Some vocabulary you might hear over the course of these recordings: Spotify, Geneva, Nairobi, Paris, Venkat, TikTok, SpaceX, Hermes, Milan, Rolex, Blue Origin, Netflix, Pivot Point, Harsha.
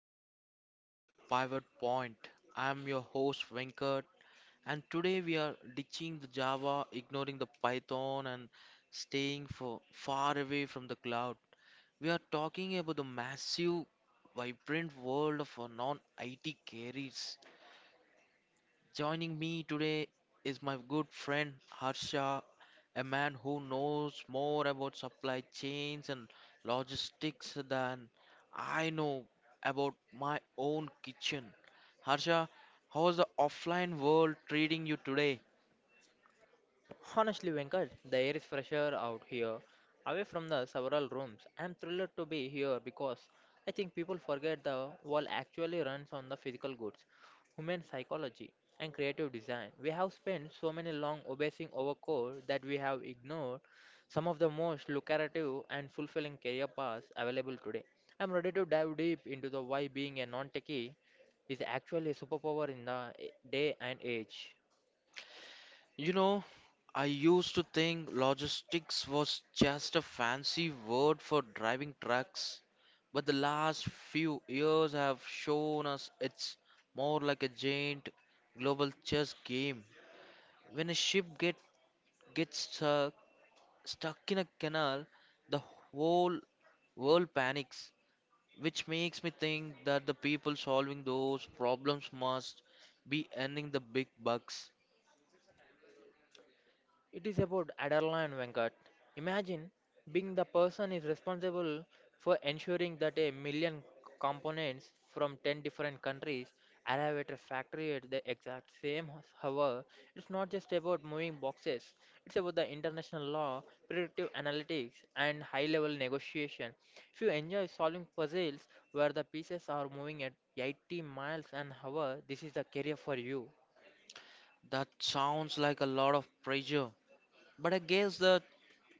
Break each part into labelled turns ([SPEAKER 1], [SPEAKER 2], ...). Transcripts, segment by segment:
[SPEAKER 1] episode of Pivot Point. I'm your host Venkat, and today we are ditching the Java, ignoring the Python, and staying for far away from the cloud. We are talking about the massive, vibrant world of non-IT careers. Joining me today is my good friend Harsha, a man who knows more about supply chains and logistics than I know about my own kitchen. Harsha, how's the offline world treating you today?
[SPEAKER 2] Honestly, Venkat, the air is fresher out here, away from the several rooms. I'm thrilled to be here because I think people forget the world actually runs on the physical goods, human psychology, and creative design. We have spent so many long obsessing over code that we have ignored some of the most lucrative and fulfilling career paths available today. I'm ready to dive deep into the why being a non-techie is actually a superpower in the day and age.
[SPEAKER 1] You know, I used to think logistics was just a fancy word for driving trucks, but the last few years have shown us it's more like a giant global chess game. When a ship gets stuck in a canal, the whole world panics, which makes me think that the people solving those problems must be earning the big bucks.
[SPEAKER 2] It is about adrenaline, Venkat. Imagine being the person is responsible for ensuring that a million components from 10 different countries arrive at a factory at the exact same hour. It's not just about moving boxes, it's about the international law, predictive analytics, and high level negotiation. If you enjoy solving puzzles where the pieces are moving at 80 miles an hour, this is the career for you.
[SPEAKER 1] That sounds like a lot of pressure, but I guess that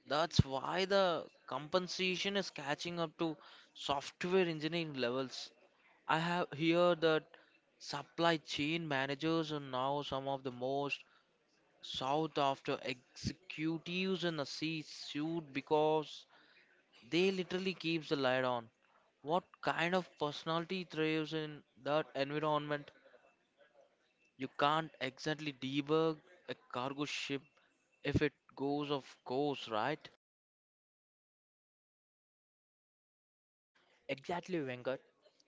[SPEAKER 1] that's why the compensation is catching up to software engineering levels. I have heard that supply chain managers are now some of the most sought after executives in the C suit because they literally keeps the light on. What kind of personality thrives in that environment? You can't exactly debug a cargo ship if it goes off course, right?
[SPEAKER 2] Exactly, Venkat.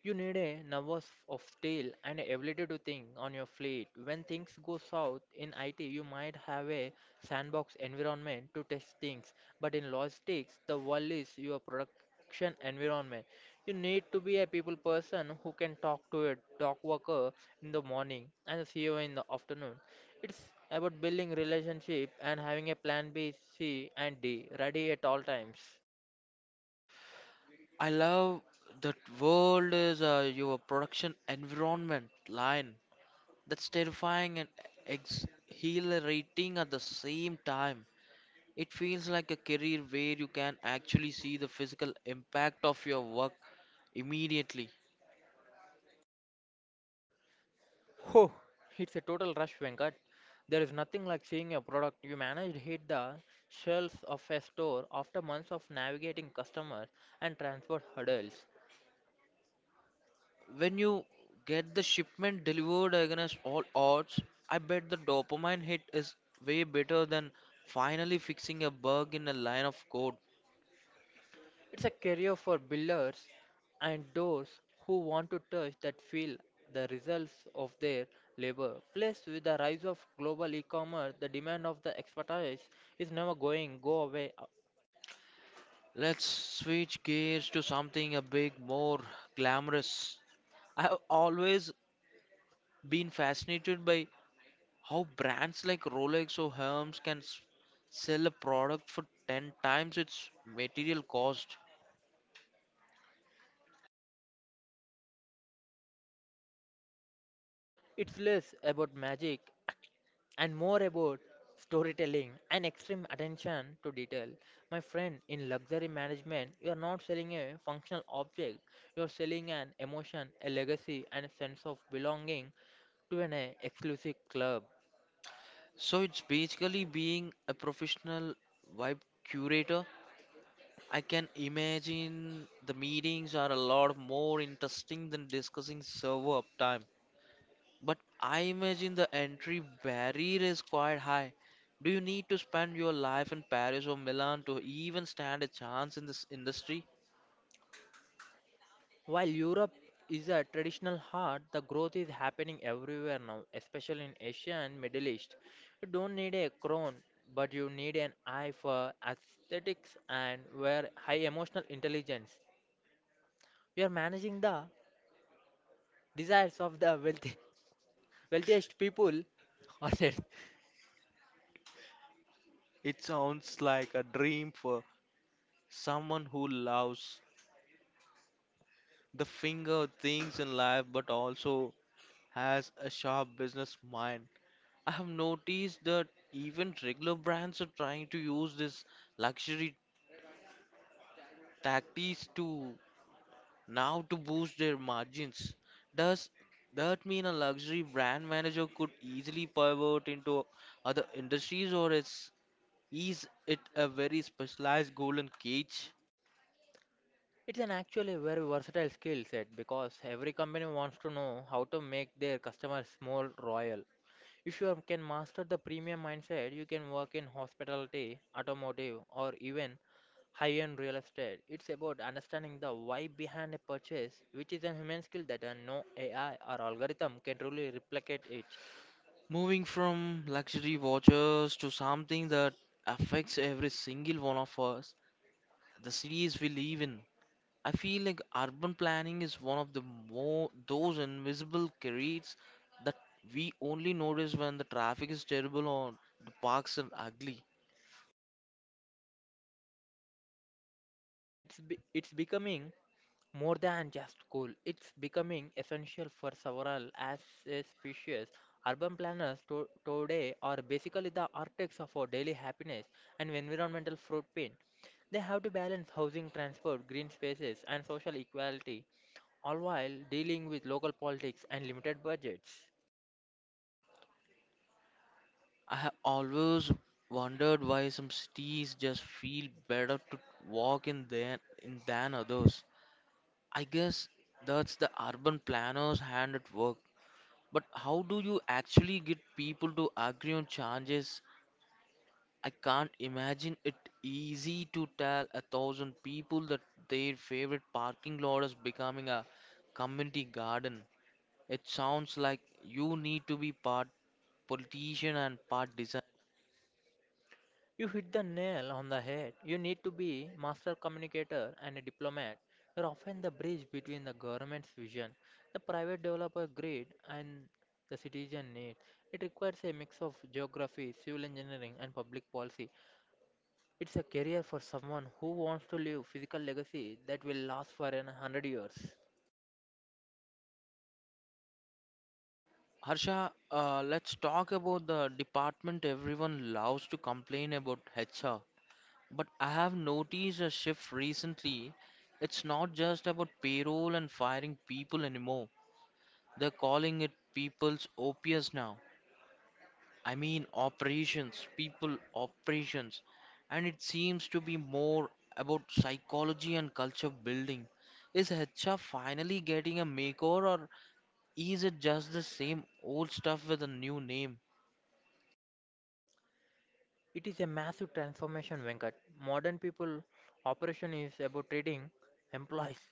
[SPEAKER 2] You need a nervous of steel and a ability to think on your fleet. When things go south in IT, you might have a sandbox environment to test things, but in logistics, the world is your production environment. You need to be a people person who can talk to a dock worker in the morning and the CEO in the afternoon. It's about building relationship and having a plan B, C, and D ready at all times.
[SPEAKER 1] I love that world is your production environment line. That's terrifying and exhilarating at the same time. It feels like a career where you can actually see the physical impact of your work immediately.
[SPEAKER 2] Oh, it's a total rush, Venkat. There is nothing like seeing a product you managed hit the shelves of a store after months of navigating customers and transport hurdles.
[SPEAKER 1] When you get the shipment delivered against all odds, I bet the dopamine hit is way better than finally fixing a bug in a line of code.
[SPEAKER 2] It's a career for builders and those who want to touch that feel the results of their labor. Plus, with the rise of global e-commerce, the demand of the expertise is never going go away.
[SPEAKER 1] Let's switch gears to something a bit more glamorous. I've always been fascinated by how brands like Rolex or Hermes can sell a product for 10 times its material cost.
[SPEAKER 2] It's less about magic and more about storytelling and extreme attention to detail. My friend, in luxury management, you are not selling a functional object, you are selling an emotion, a legacy, and a sense of belonging to an exclusive club.
[SPEAKER 1] So it's basically being a professional vibe curator. I can imagine the meetings are a lot more interesting than discussing server uptime. But I imagine the entry barrier is quite high. Do you need to spend your life in Paris or Milan to even stand a chance in this industry?
[SPEAKER 2] While Europe is a traditional heart, the growth is happening everywhere now, especially in Asia and Middle East. You don't need a crown, but you need an eye for aesthetics and where high emotional intelligence. We are managing the desires of the wealthy, wealthiest people on earth.
[SPEAKER 1] It sounds like a dream for someone who loves the finger things in life but also has a sharp business mind. I have noticed that even regular brands are trying to use this luxury tactics to now to boost their margins. Does that mean a luxury brand manager could easily pivot into other industries, or is it a very specialized golden cage?
[SPEAKER 2] It's an actually very versatile skill set because every company wants to know how to make their customers more royal. If you can master the premium mindset, you can work in hospitality, automotive, or even high-end real estate. It's about understanding the why behind a purchase, which is a human skill that no AI or algorithm can truly replicate it.
[SPEAKER 1] Moving from luxury watches to something that affects every single one of us, the cities we live in, I feel like urban planning is one of the more those invisible careers that we only notice when the traffic is terrible or the parks are ugly.
[SPEAKER 2] It's becoming more than just cool, it's becoming essential for several as a species. Urban planners today are basically the architects of our daily happiness and environmental footprint. They have to balance housing, transport, green spaces, and social equality, all while dealing with local politics and limited budgets.
[SPEAKER 1] I have always wondered why some cities just feel better to walk in than others. I guess that's the urban planner's hand at work. But how do you actually get people to agree on changes? I can't imagine it easy to tell 1,000 people that their favorite parking lot is becoming a community garden. It sounds like you need to be part politician and part designer.
[SPEAKER 2] You hit the nail on the head. You need to be master communicator and a diplomat. You're often the bridge between the government's vision, the private developer grid, and the citizen need. It requires a mix of geography, civil engineering, and public policy. It's a career for someone who wants to leave physical legacy that will last for an hundred years.
[SPEAKER 1] Harsha, let's talk about the department everyone loves to complain about: HR. But I have noticed a shift recently. It's not just about payroll and firing people anymore. They're calling it people's OPS now. I mean, operations, people operations, and it seems to be more about psychology and culture building. Is HR finally getting a makeover, or is it just the same old stuff with a new name?
[SPEAKER 2] It is a massive transformation, Venkat. Modern people operation is about trading employees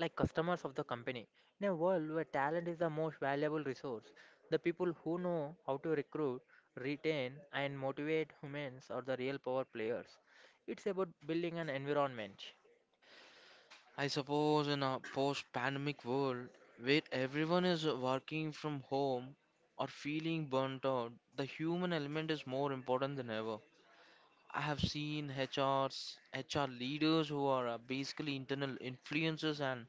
[SPEAKER 2] like customers of the company. In a world where talent is the most valuable resource, the people who know how to recruit, retain, and motivate humans are the real power players. It's about building an environment.
[SPEAKER 1] I suppose in a post pandemic world where everyone is working from home or feeling burnt out, the human element is more important than ever. I have seen HRs, HR leaders who are basically internal influencers and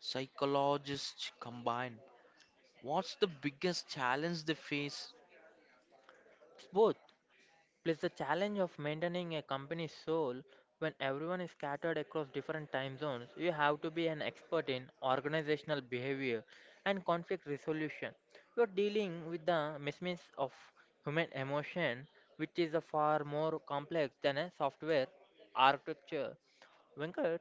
[SPEAKER 1] psychologists combined. What's the biggest challenge they face?
[SPEAKER 2] It's both. Plus, the challenge of maintaining a company's soul when everyone is scattered across different time zones, you have to be an expert in organizational behavior and conflict resolution. You are dealing with the mismatch of human emotion, which is a far more complex than a software architecture. Venkat,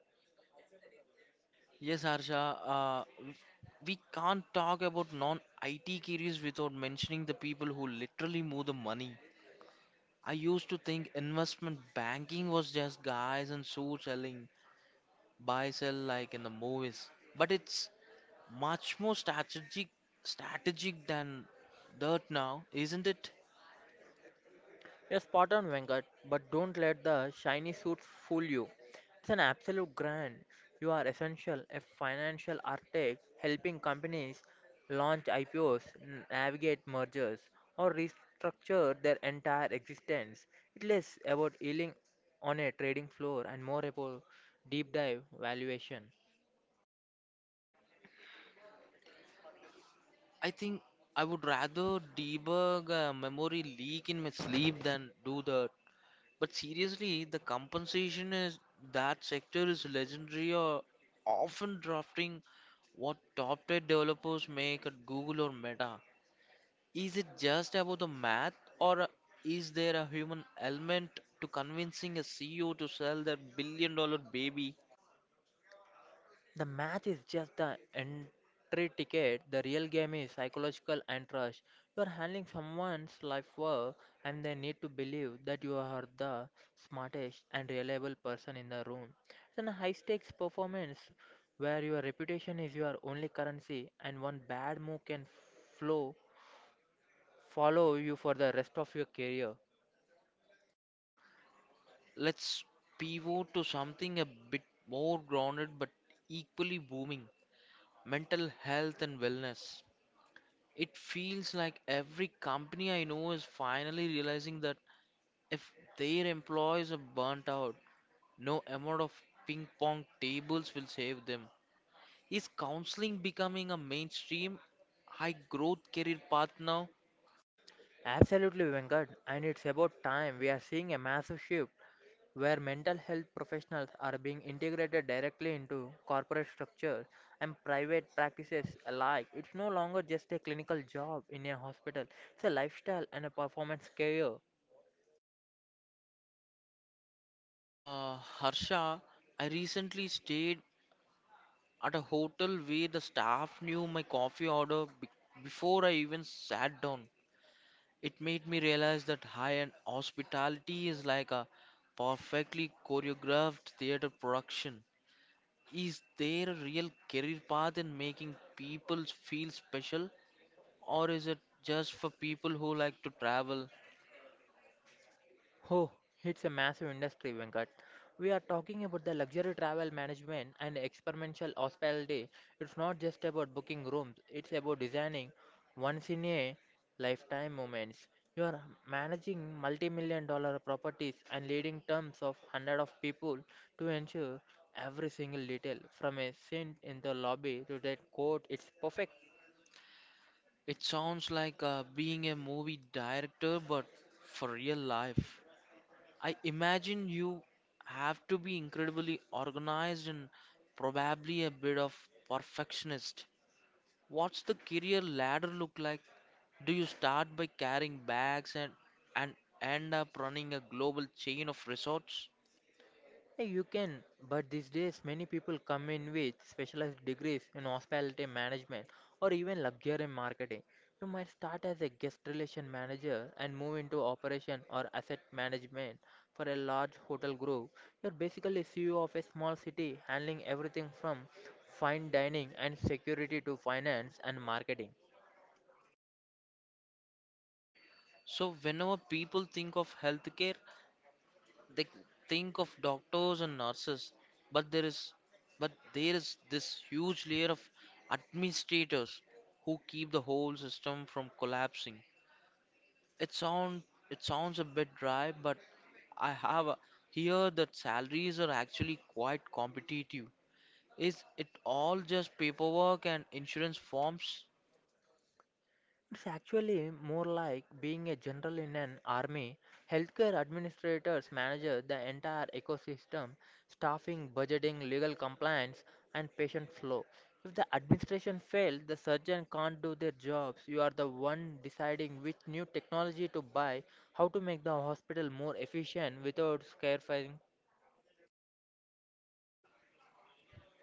[SPEAKER 1] Yes, Harsha, uh, w- we can't talk about non IT careers without mentioning the people who literally move the money. I used to think investment banking was just guys and suits selling buy sell like in the movies, but it's much more strategic than that now, isn't it?
[SPEAKER 2] you're spot on, Venkat, but don't let the shiny suits fool you. It's an absolute grant. You are essential, a financial architect helping companies launch IPOs, navigate mergers, or restructure their entire existence. It's less about yielding on a trading floor and more about deep dive valuation.
[SPEAKER 1] I think I would rather debug a memory leak in my sleep than do that, but seriously the compensation is that sector is legendary or often drafting what top tier developers make at Google or Meta. Is it just about the math, or is there a human element to convincing a CEO to sell their billion dollar baby?
[SPEAKER 2] The match is just the entry ticket. The real game is psychological and trust. You are handling someone's life work, and they need to believe that you are the smartest and reliable person in the room. It's a high stakes performance where your reputation is your only currency, and one bad move can flow follow you for the rest of your career.
[SPEAKER 1] Let's pivot to something a bit more grounded but equally booming: mental health and wellness. It feels like every company I know is finally realizing that if their employees are burnt out, no amount of ping pong tables will save them. Is counseling becoming a mainstream high growth career path now?
[SPEAKER 2] Absolutely, Venkat, and it's about time we are seeing a massive shift where mental health professionals are being integrated directly into corporate structures and private practices alike. It's no longer just a clinical job in a hospital, it's a lifestyle and a performance career.
[SPEAKER 1] Harsha, I recently stayed at a hotel where the staff knew my coffee order before I even sat down. It made me realize that high end hospitality is like a perfectly choreographed theater production. Is there a real career path in making people feel special, or is it just for people who like to travel?
[SPEAKER 2] Oh, it's a massive industry, Venkat. We are talking about the luxury travel management and experiential hospitality. It's not just about booking rooms, it's about designing once in a lifetime moments. You are managing multi $1 million properties and leading terms of hundreds of people to ensure every single detail from a scent in the lobby to that coat, it's perfect.
[SPEAKER 1] It sounds like being a movie director, but for real life. I imagine you have to be incredibly organized and probably a bit of perfectionist. What's the career ladder look like? Do you start by carrying bags and end up running a global chain of resorts?
[SPEAKER 2] Yeah, you can, but these days many people come in with specialized degrees in hospitality management or even luxury marketing. You might start as a guest relation manager and move into operation or asset management for a large hotel group. You're basically CEO of a small city handling everything from fine dining and security to finance and marketing.
[SPEAKER 1] So, whenever people think of healthcare, they think of doctors and nurses, but there is but there is this huge layer of administrators who keep the whole system from collapsing. It sound it sounds a bit dry, but I have here that salaries are actually quite competitive. Is it all just paperwork and insurance forms?
[SPEAKER 2] It's actually more like being a general in an army. Healthcare administrators manage the entire ecosystem, staffing, budgeting, legal compliance, and patient flow. If the administration fails, the surgeon can't do their jobs. You are the one deciding which new technology to buy, how to make the hospital more efficient without scarifying.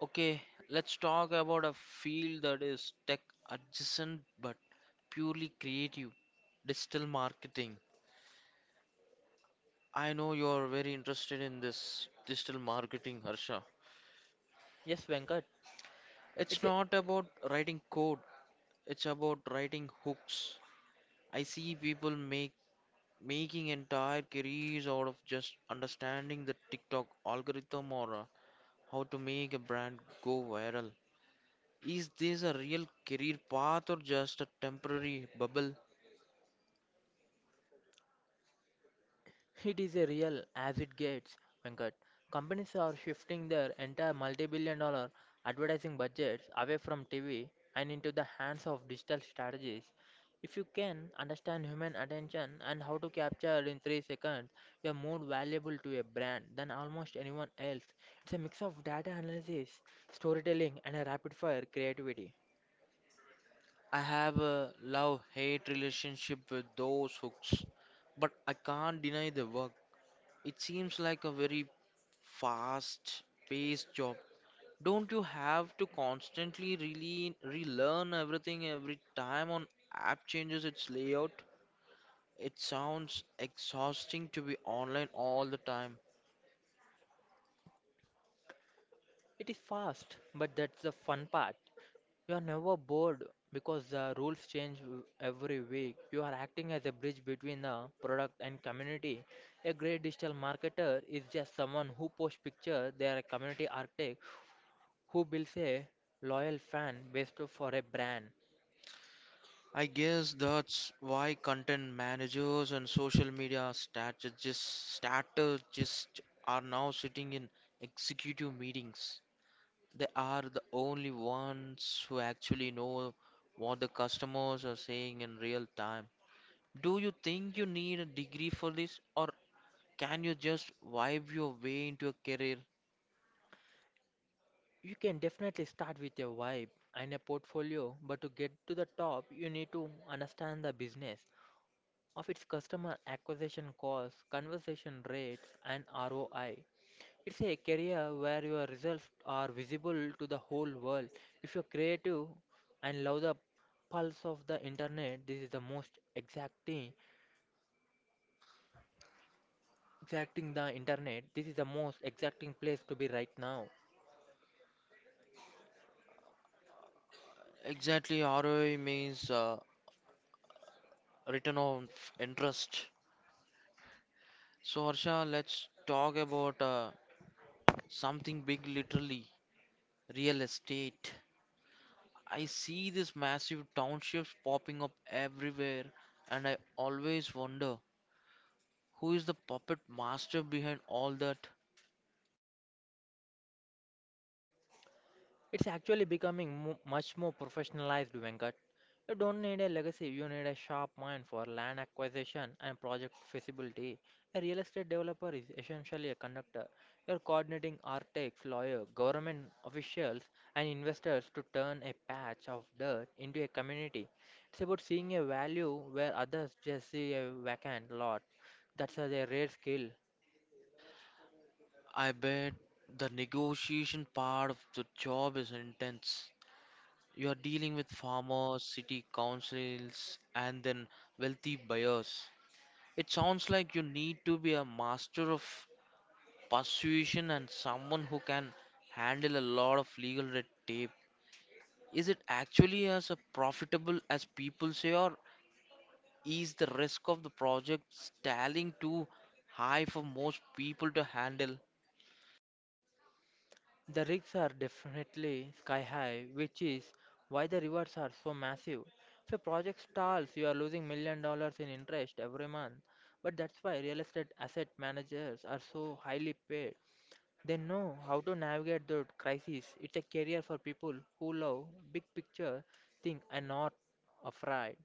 [SPEAKER 1] Okay, let's talk about a field that is tech adjacent but purely creative: digital marketing. I know you're very interested in this digital marketing, Harsha.
[SPEAKER 2] Yes, Venkat, it's
[SPEAKER 1] It's
[SPEAKER 2] a,
[SPEAKER 1] not about writing code, it's about writing hooks. I see people make making entire careers out of just understanding the TikTok algorithm or how to make a brand go viral. Is this a real career path or just a temporary bubble?
[SPEAKER 2] it is a real as it gets, Venkat. Companies are shifting their entire multi-$1 billion advertising budgets away from TV and into the hands of digital strategies. If you can understand human attention and how to capture it in 3 seconds, you are more valuable to a brand than almost anyone else. It's a mix of data analysis, storytelling and a rapid fire creativity.
[SPEAKER 1] I have a love-hate relationship with those hooks, but I can't deny the work. It seems like a very fast paced job. Don't you have to constantly really relearn everything every time on app changes its layout? It sounds exhausting to be online all the time.
[SPEAKER 2] It is fast, but that's the fun part. You are never bored because the rules change every week. You are acting as a bridge between the product and community. A great digital marketer is just someone who posts pictures, they are a community architect who builds a loyal fan base for a brand.
[SPEAKER 1] I guess that's why content managers and social media strategists are now sitting in executive meetings. They are the only ones who actually know what the customers are saying in real time. Do you think you need a degree for this, or can you just vibe your way into a career?
[SPEAKER 2] You can definitely start with a vibe and a portfolio, but to get to the top, you need to understand the business. Of its customer acquisition costs, conversion rates, and ROI. It's a career where your results are visible to the whole world. If you're creative and love the pulse of the internet, this is the most exacting, exacting the internet. This is the most exacting place to be right now.
[SPEAKER 1] Exactly, ROI means return on interest. So, Harsha, let's talk about something big, literally: real estate. I see these massive townships popping up everywhere, and I always wonder: who is the puppet master behind all that?
[SPEAKER 2] It's actually becoming much more professionalized, Venkat. You don't need a legacy, you need a sharp mind for land acquisition and project feasibility. A real estate developer is essentially a conductor. You're coordinating architects, lawyers, government officials, and investors to turn a patch of dirt into a community. It's about seeing a value where others just see a vacant lot. That's a rare skill.
[SPEAKER 1] I bet the negotiation part of the job is intense. You are dealing with farmers, city councils, and then wealthy buyers. It sounds like you need to be a master of persuasion and someone who can handle a lot of legal red tape. Is it actually as a profitable as people say, or is the risk of the project stalling too high for most people to handle?
[SPEAKER 2] The reefs are definitely sky high, which is why the rewards are so massive. If a project stalls, you are losing $1 million in interest every month. But that's why real estate asset managers are so highly paid. They know how to navigate the crisis. It's a career for people who love big picture think and not afraid.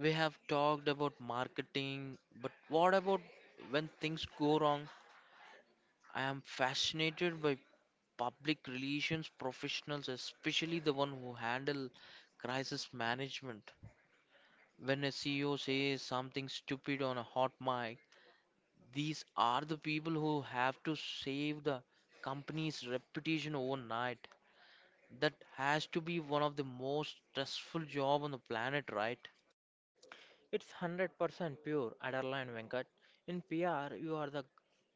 [SPEAKER 1] We have talked about marketing, but what about when things go wrong? I am fascinated by public relations professionals, especially the one who handle crisis management. When a CEO says something stupid on a hot mic, these are the people who have to save the company's reputation overnight. That has to be one of the most stressful job on the planet, right?
[SPEAKER 2] It's 100% pure Adderline Venkat. In PR, you are the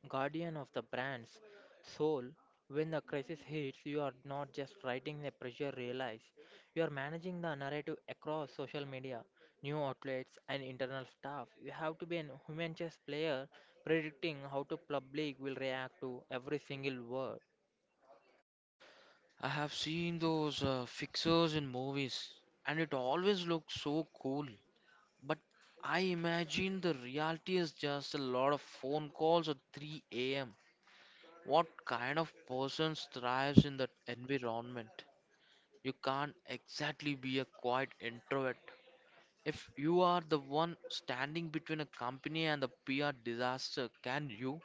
[SPEAKER 2] guardian of the brand's soul. When the crisis hits, you are not just writing the pressure realize, you are managing the narrative across social media, new outlets, and internal staff. You have to be a human chess player predicting how the public will react to every single word.
[SPEAKER 1] I have seen those fixers in movies, and it always looks so cool. But I imagine the reality is just a lot of phone calls at 3 a.m. What kind of person thrives in that environment? You can't exactly be a quiet introvert. If you are the one standing between a company and the PR disaster, can you?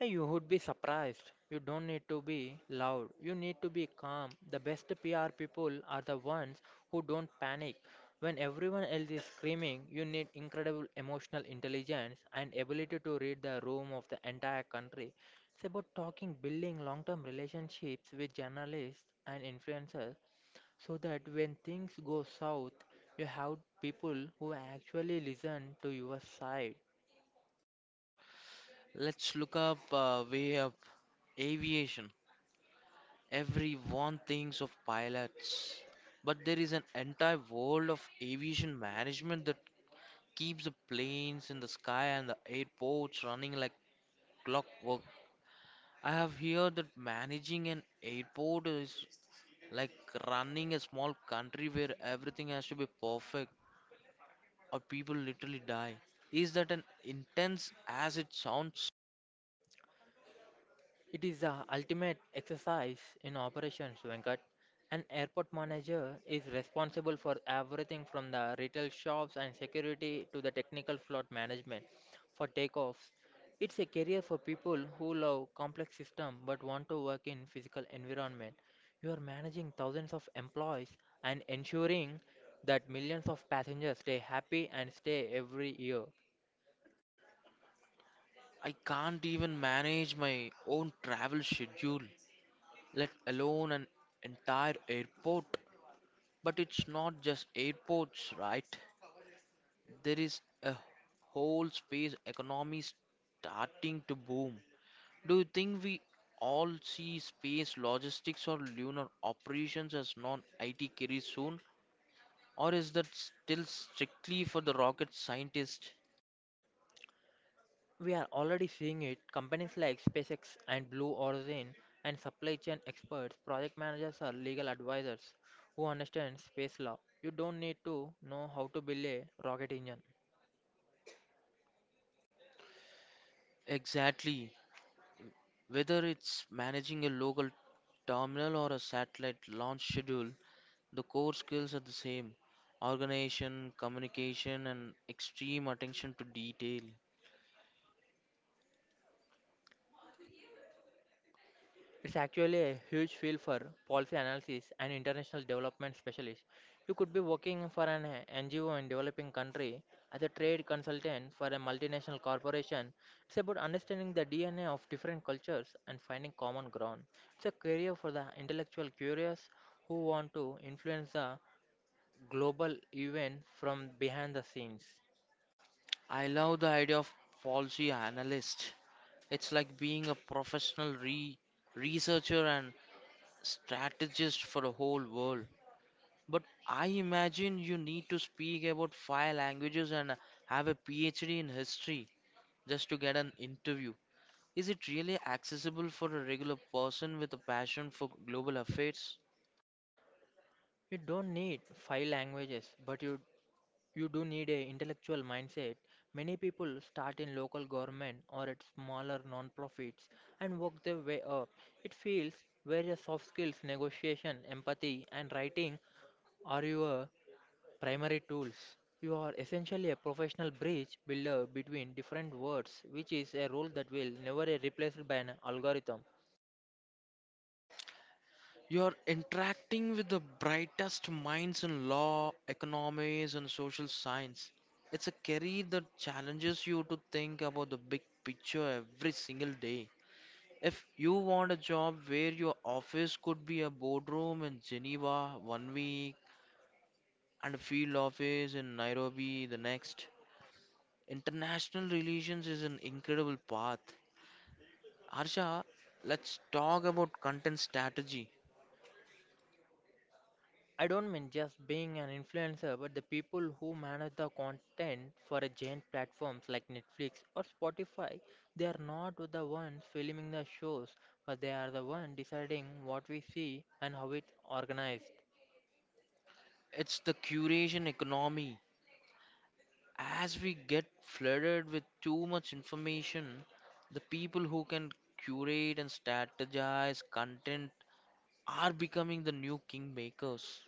[SPEAKER 2] Hey, you would be surprised. You don't need to be loud. You need to be calm. The best PR people are the ones who don't panic. When everyone else is screaming, you need incredible emotional intelligence and ability to read the room of the entire country. It's about talking, building long term relationships with journalists and influencers so that when things go south, you have people who actually listen to your side.
[SPEAKER 1] Let's look up, way up: aviation. Everyone thinks of pilots, but there is an entire world of aviation management that keeps the planes in the sky and the airports running like clockwork. I have heard that managing an airport is like running a small country where everything has to be perfect or people literally die. Is that an intense as it sounds?
[SPEAKER 2] It is the ultimate exercise in operations, Venkat. An airport manager is responsible for everything from the retail shops and security to the technical flight management for takeoffs. It's a career for people who love complex systems but want to work in physical environment. You are managing thousands of employees and ensuring that millions of passengers stay happy and stay every year.
[SPEAKER 1] I can't even manage my own travel schedule, let alone an entire airport. But it's not just airports, right? There is a whole space economy starting to boom. Do you think we all see space logistics or lunar operations as non IT careers soon? Or is that still strictly for the rocket scientist?
[SPEAKER 2] We are already seeing it. Companies like SpaceX and Blue Origin and supply chain experts, project managers or legal advisors who understand space law. You don't need to know how to build a rocket engine.
[SPEAKER 1] Exactly. Whether it's managing a local terminal or a satellite launch schedule, the core skills are the same: organization, communication, and extreme attention to detail.
[SPEAKER 2] It's actually a huge field for policy analysis and international development specialist. You could be working for an NGO in developing country as a trade consultant for a multinational corporation. It's about understanding the DNA of different cultures and finding common ground. It's a career for the intellectual curious who want to influence the global event from behind the scenes.
[SPEAKER 1] I love the idea of policy analyst. It's like being a professional researcher and strategist for the whole world. But I imagine you need to speak about five languages and have a PhD in history just to get an interview. Is it really accessible for a regular person with a passion for global affairs?
[SPEAKER 2] You don't need five languages, but you do need a intellectual mindset. Many people start in local government or at smaller non-profits and work their way up. It feels where your soft skills, negotiation, empathy, and writing are your primary tools. You are essentially a professional bridge builder between different worlds, which is a role that will never be replaced by an algorithm.
[SPEAKER 1] You're interacting with the brightest minds in law, economics, and social science. It's a career that challenges you to think about the big picture every single day. If you want a job where your office could be a boardroom in Geneva one week and a field office in Nairobi the next, international relations is an incredible path. Harsha, let's talk about content strategy.
[SPEAKER 2] I don't mean just being an influencer, but the people who manage the content for a giant platforms like Netflix or Spotify, they are not the ones filming the shows, but they are the one deciding what we see and how it's organized.
[SPEAKER 1] It's the curation economy. As we get flooded with too much information, the people who can curate and strategize content are becoming the new kingmakers.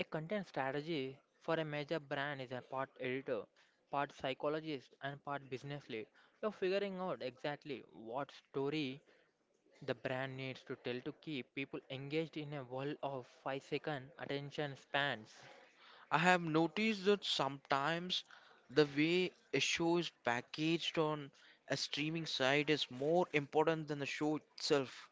[SPEAKER 2] A content strategy for a major brand is a part editor, part psychologist, and part business lead. You're figuring out exactly what story the brand needs to tell to keep people engaged in a world of 5-second attention spans.
[SPEAKER 1] I have noticed that sometimes the way a show is packaged on a streaming site is more important than the show itself.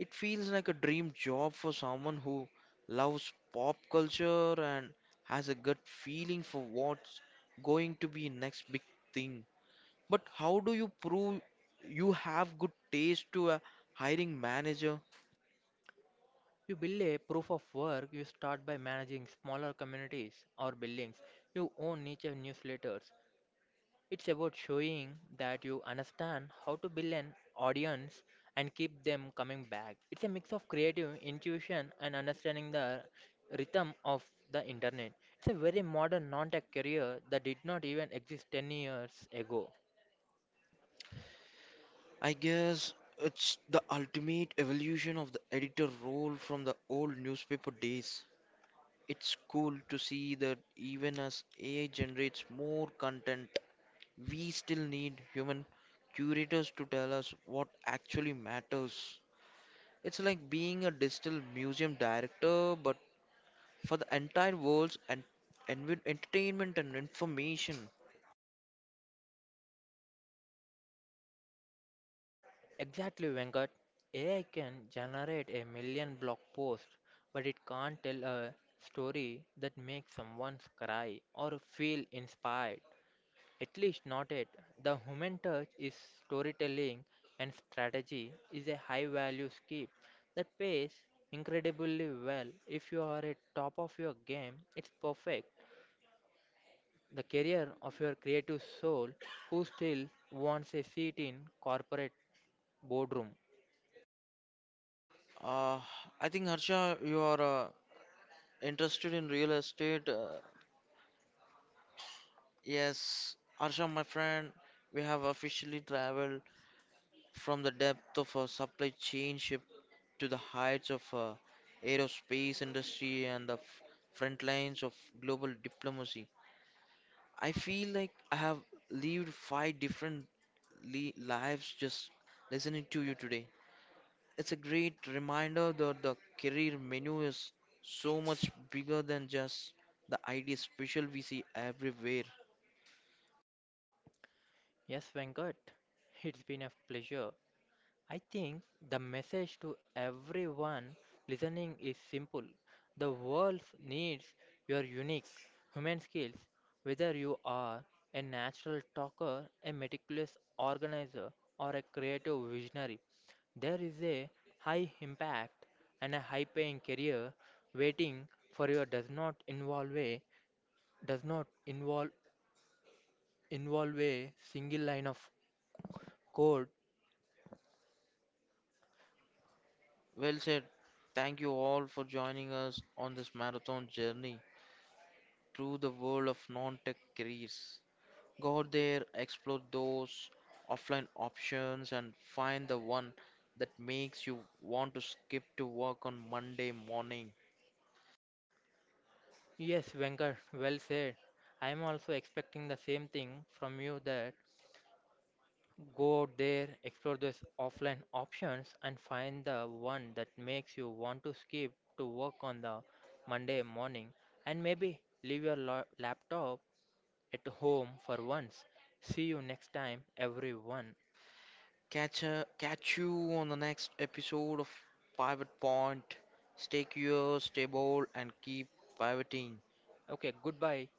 [SPEAKER 1] It feels like a dream job for someone who loves pop culture and has a gut feeling for what's going to be next big thing. But how do you prove you have good taste to a hiring manager?
[SPEAKER 2] You build a proof of work, you start by managing smaller communities or buildings. You own niche and newsletters. It's about showing that you understand how to build an audience and keep them coming back. It's a mix of creative intuition and understanding the rhythm of the internet. It's a very modern non tech career that did not even exist 10 years ago.
[SPEAKER 1] I guess it's the ultimate evolution of the editor role from the old newspaper days. It's cool to see that even as AI generates more content, we still need human curators to tell us what actually matters. It's like being a digital museum director, but for the entire world's and entertainment and information.
[SPEAKER 2] Exactly, Venkat. AI can generate a million blog posts, but it can't tell a story that makes someone cry or feel inspired. At least not yet. The human touch is storytelling and strategy is a high value skill that pays incredibly well. If you are at top of your game, it's perfect. The career of your creative soul who still wants a seat in corporate boardroom.
[SPEAKER 1] Uh, I think Harsha, you are interested in real estate. Yes, Harsha, my friend, we have officially traveled from the depth of a supply chain ship to the heights of aerospace industry and the front lines of global diplomacy. I feel like I have lived five different li lives just listening to you today. It's a great reminder that the career menu is so much bigger than just the ID special we see everywhere.
[SPEAKER 2] Yes, Venkat, it's been a pleasure. I think the message to everyone listening is simple. The world needs your unique human skills, whether you are a natural talker, a meticulous organizer, or a creative visionary. There is a high impact and a high paying career waiting for you does not involve a single line of code.
[SPEAKER 1] Well said. Thank you all for joining us on this marathon journey through the world of non tech careers. Go out there, explore those offline options, and find the one that makes you want to skip to work on Monday morning.
[SPEAKER 2] Yes, Venkat, well said. I am also expecting the same thing from you that go out there, explore those offline options, and find the one that makes you want to skip to work on the Monday morning and maybe leave your laptop at home for once. See you next time, everyone.
[SPEAKER 1] Catch you on the next episode of Pivot Point. Stay curious, stay bold, and keep pivoting.
[SPEAKER 2] Okay, goodbye.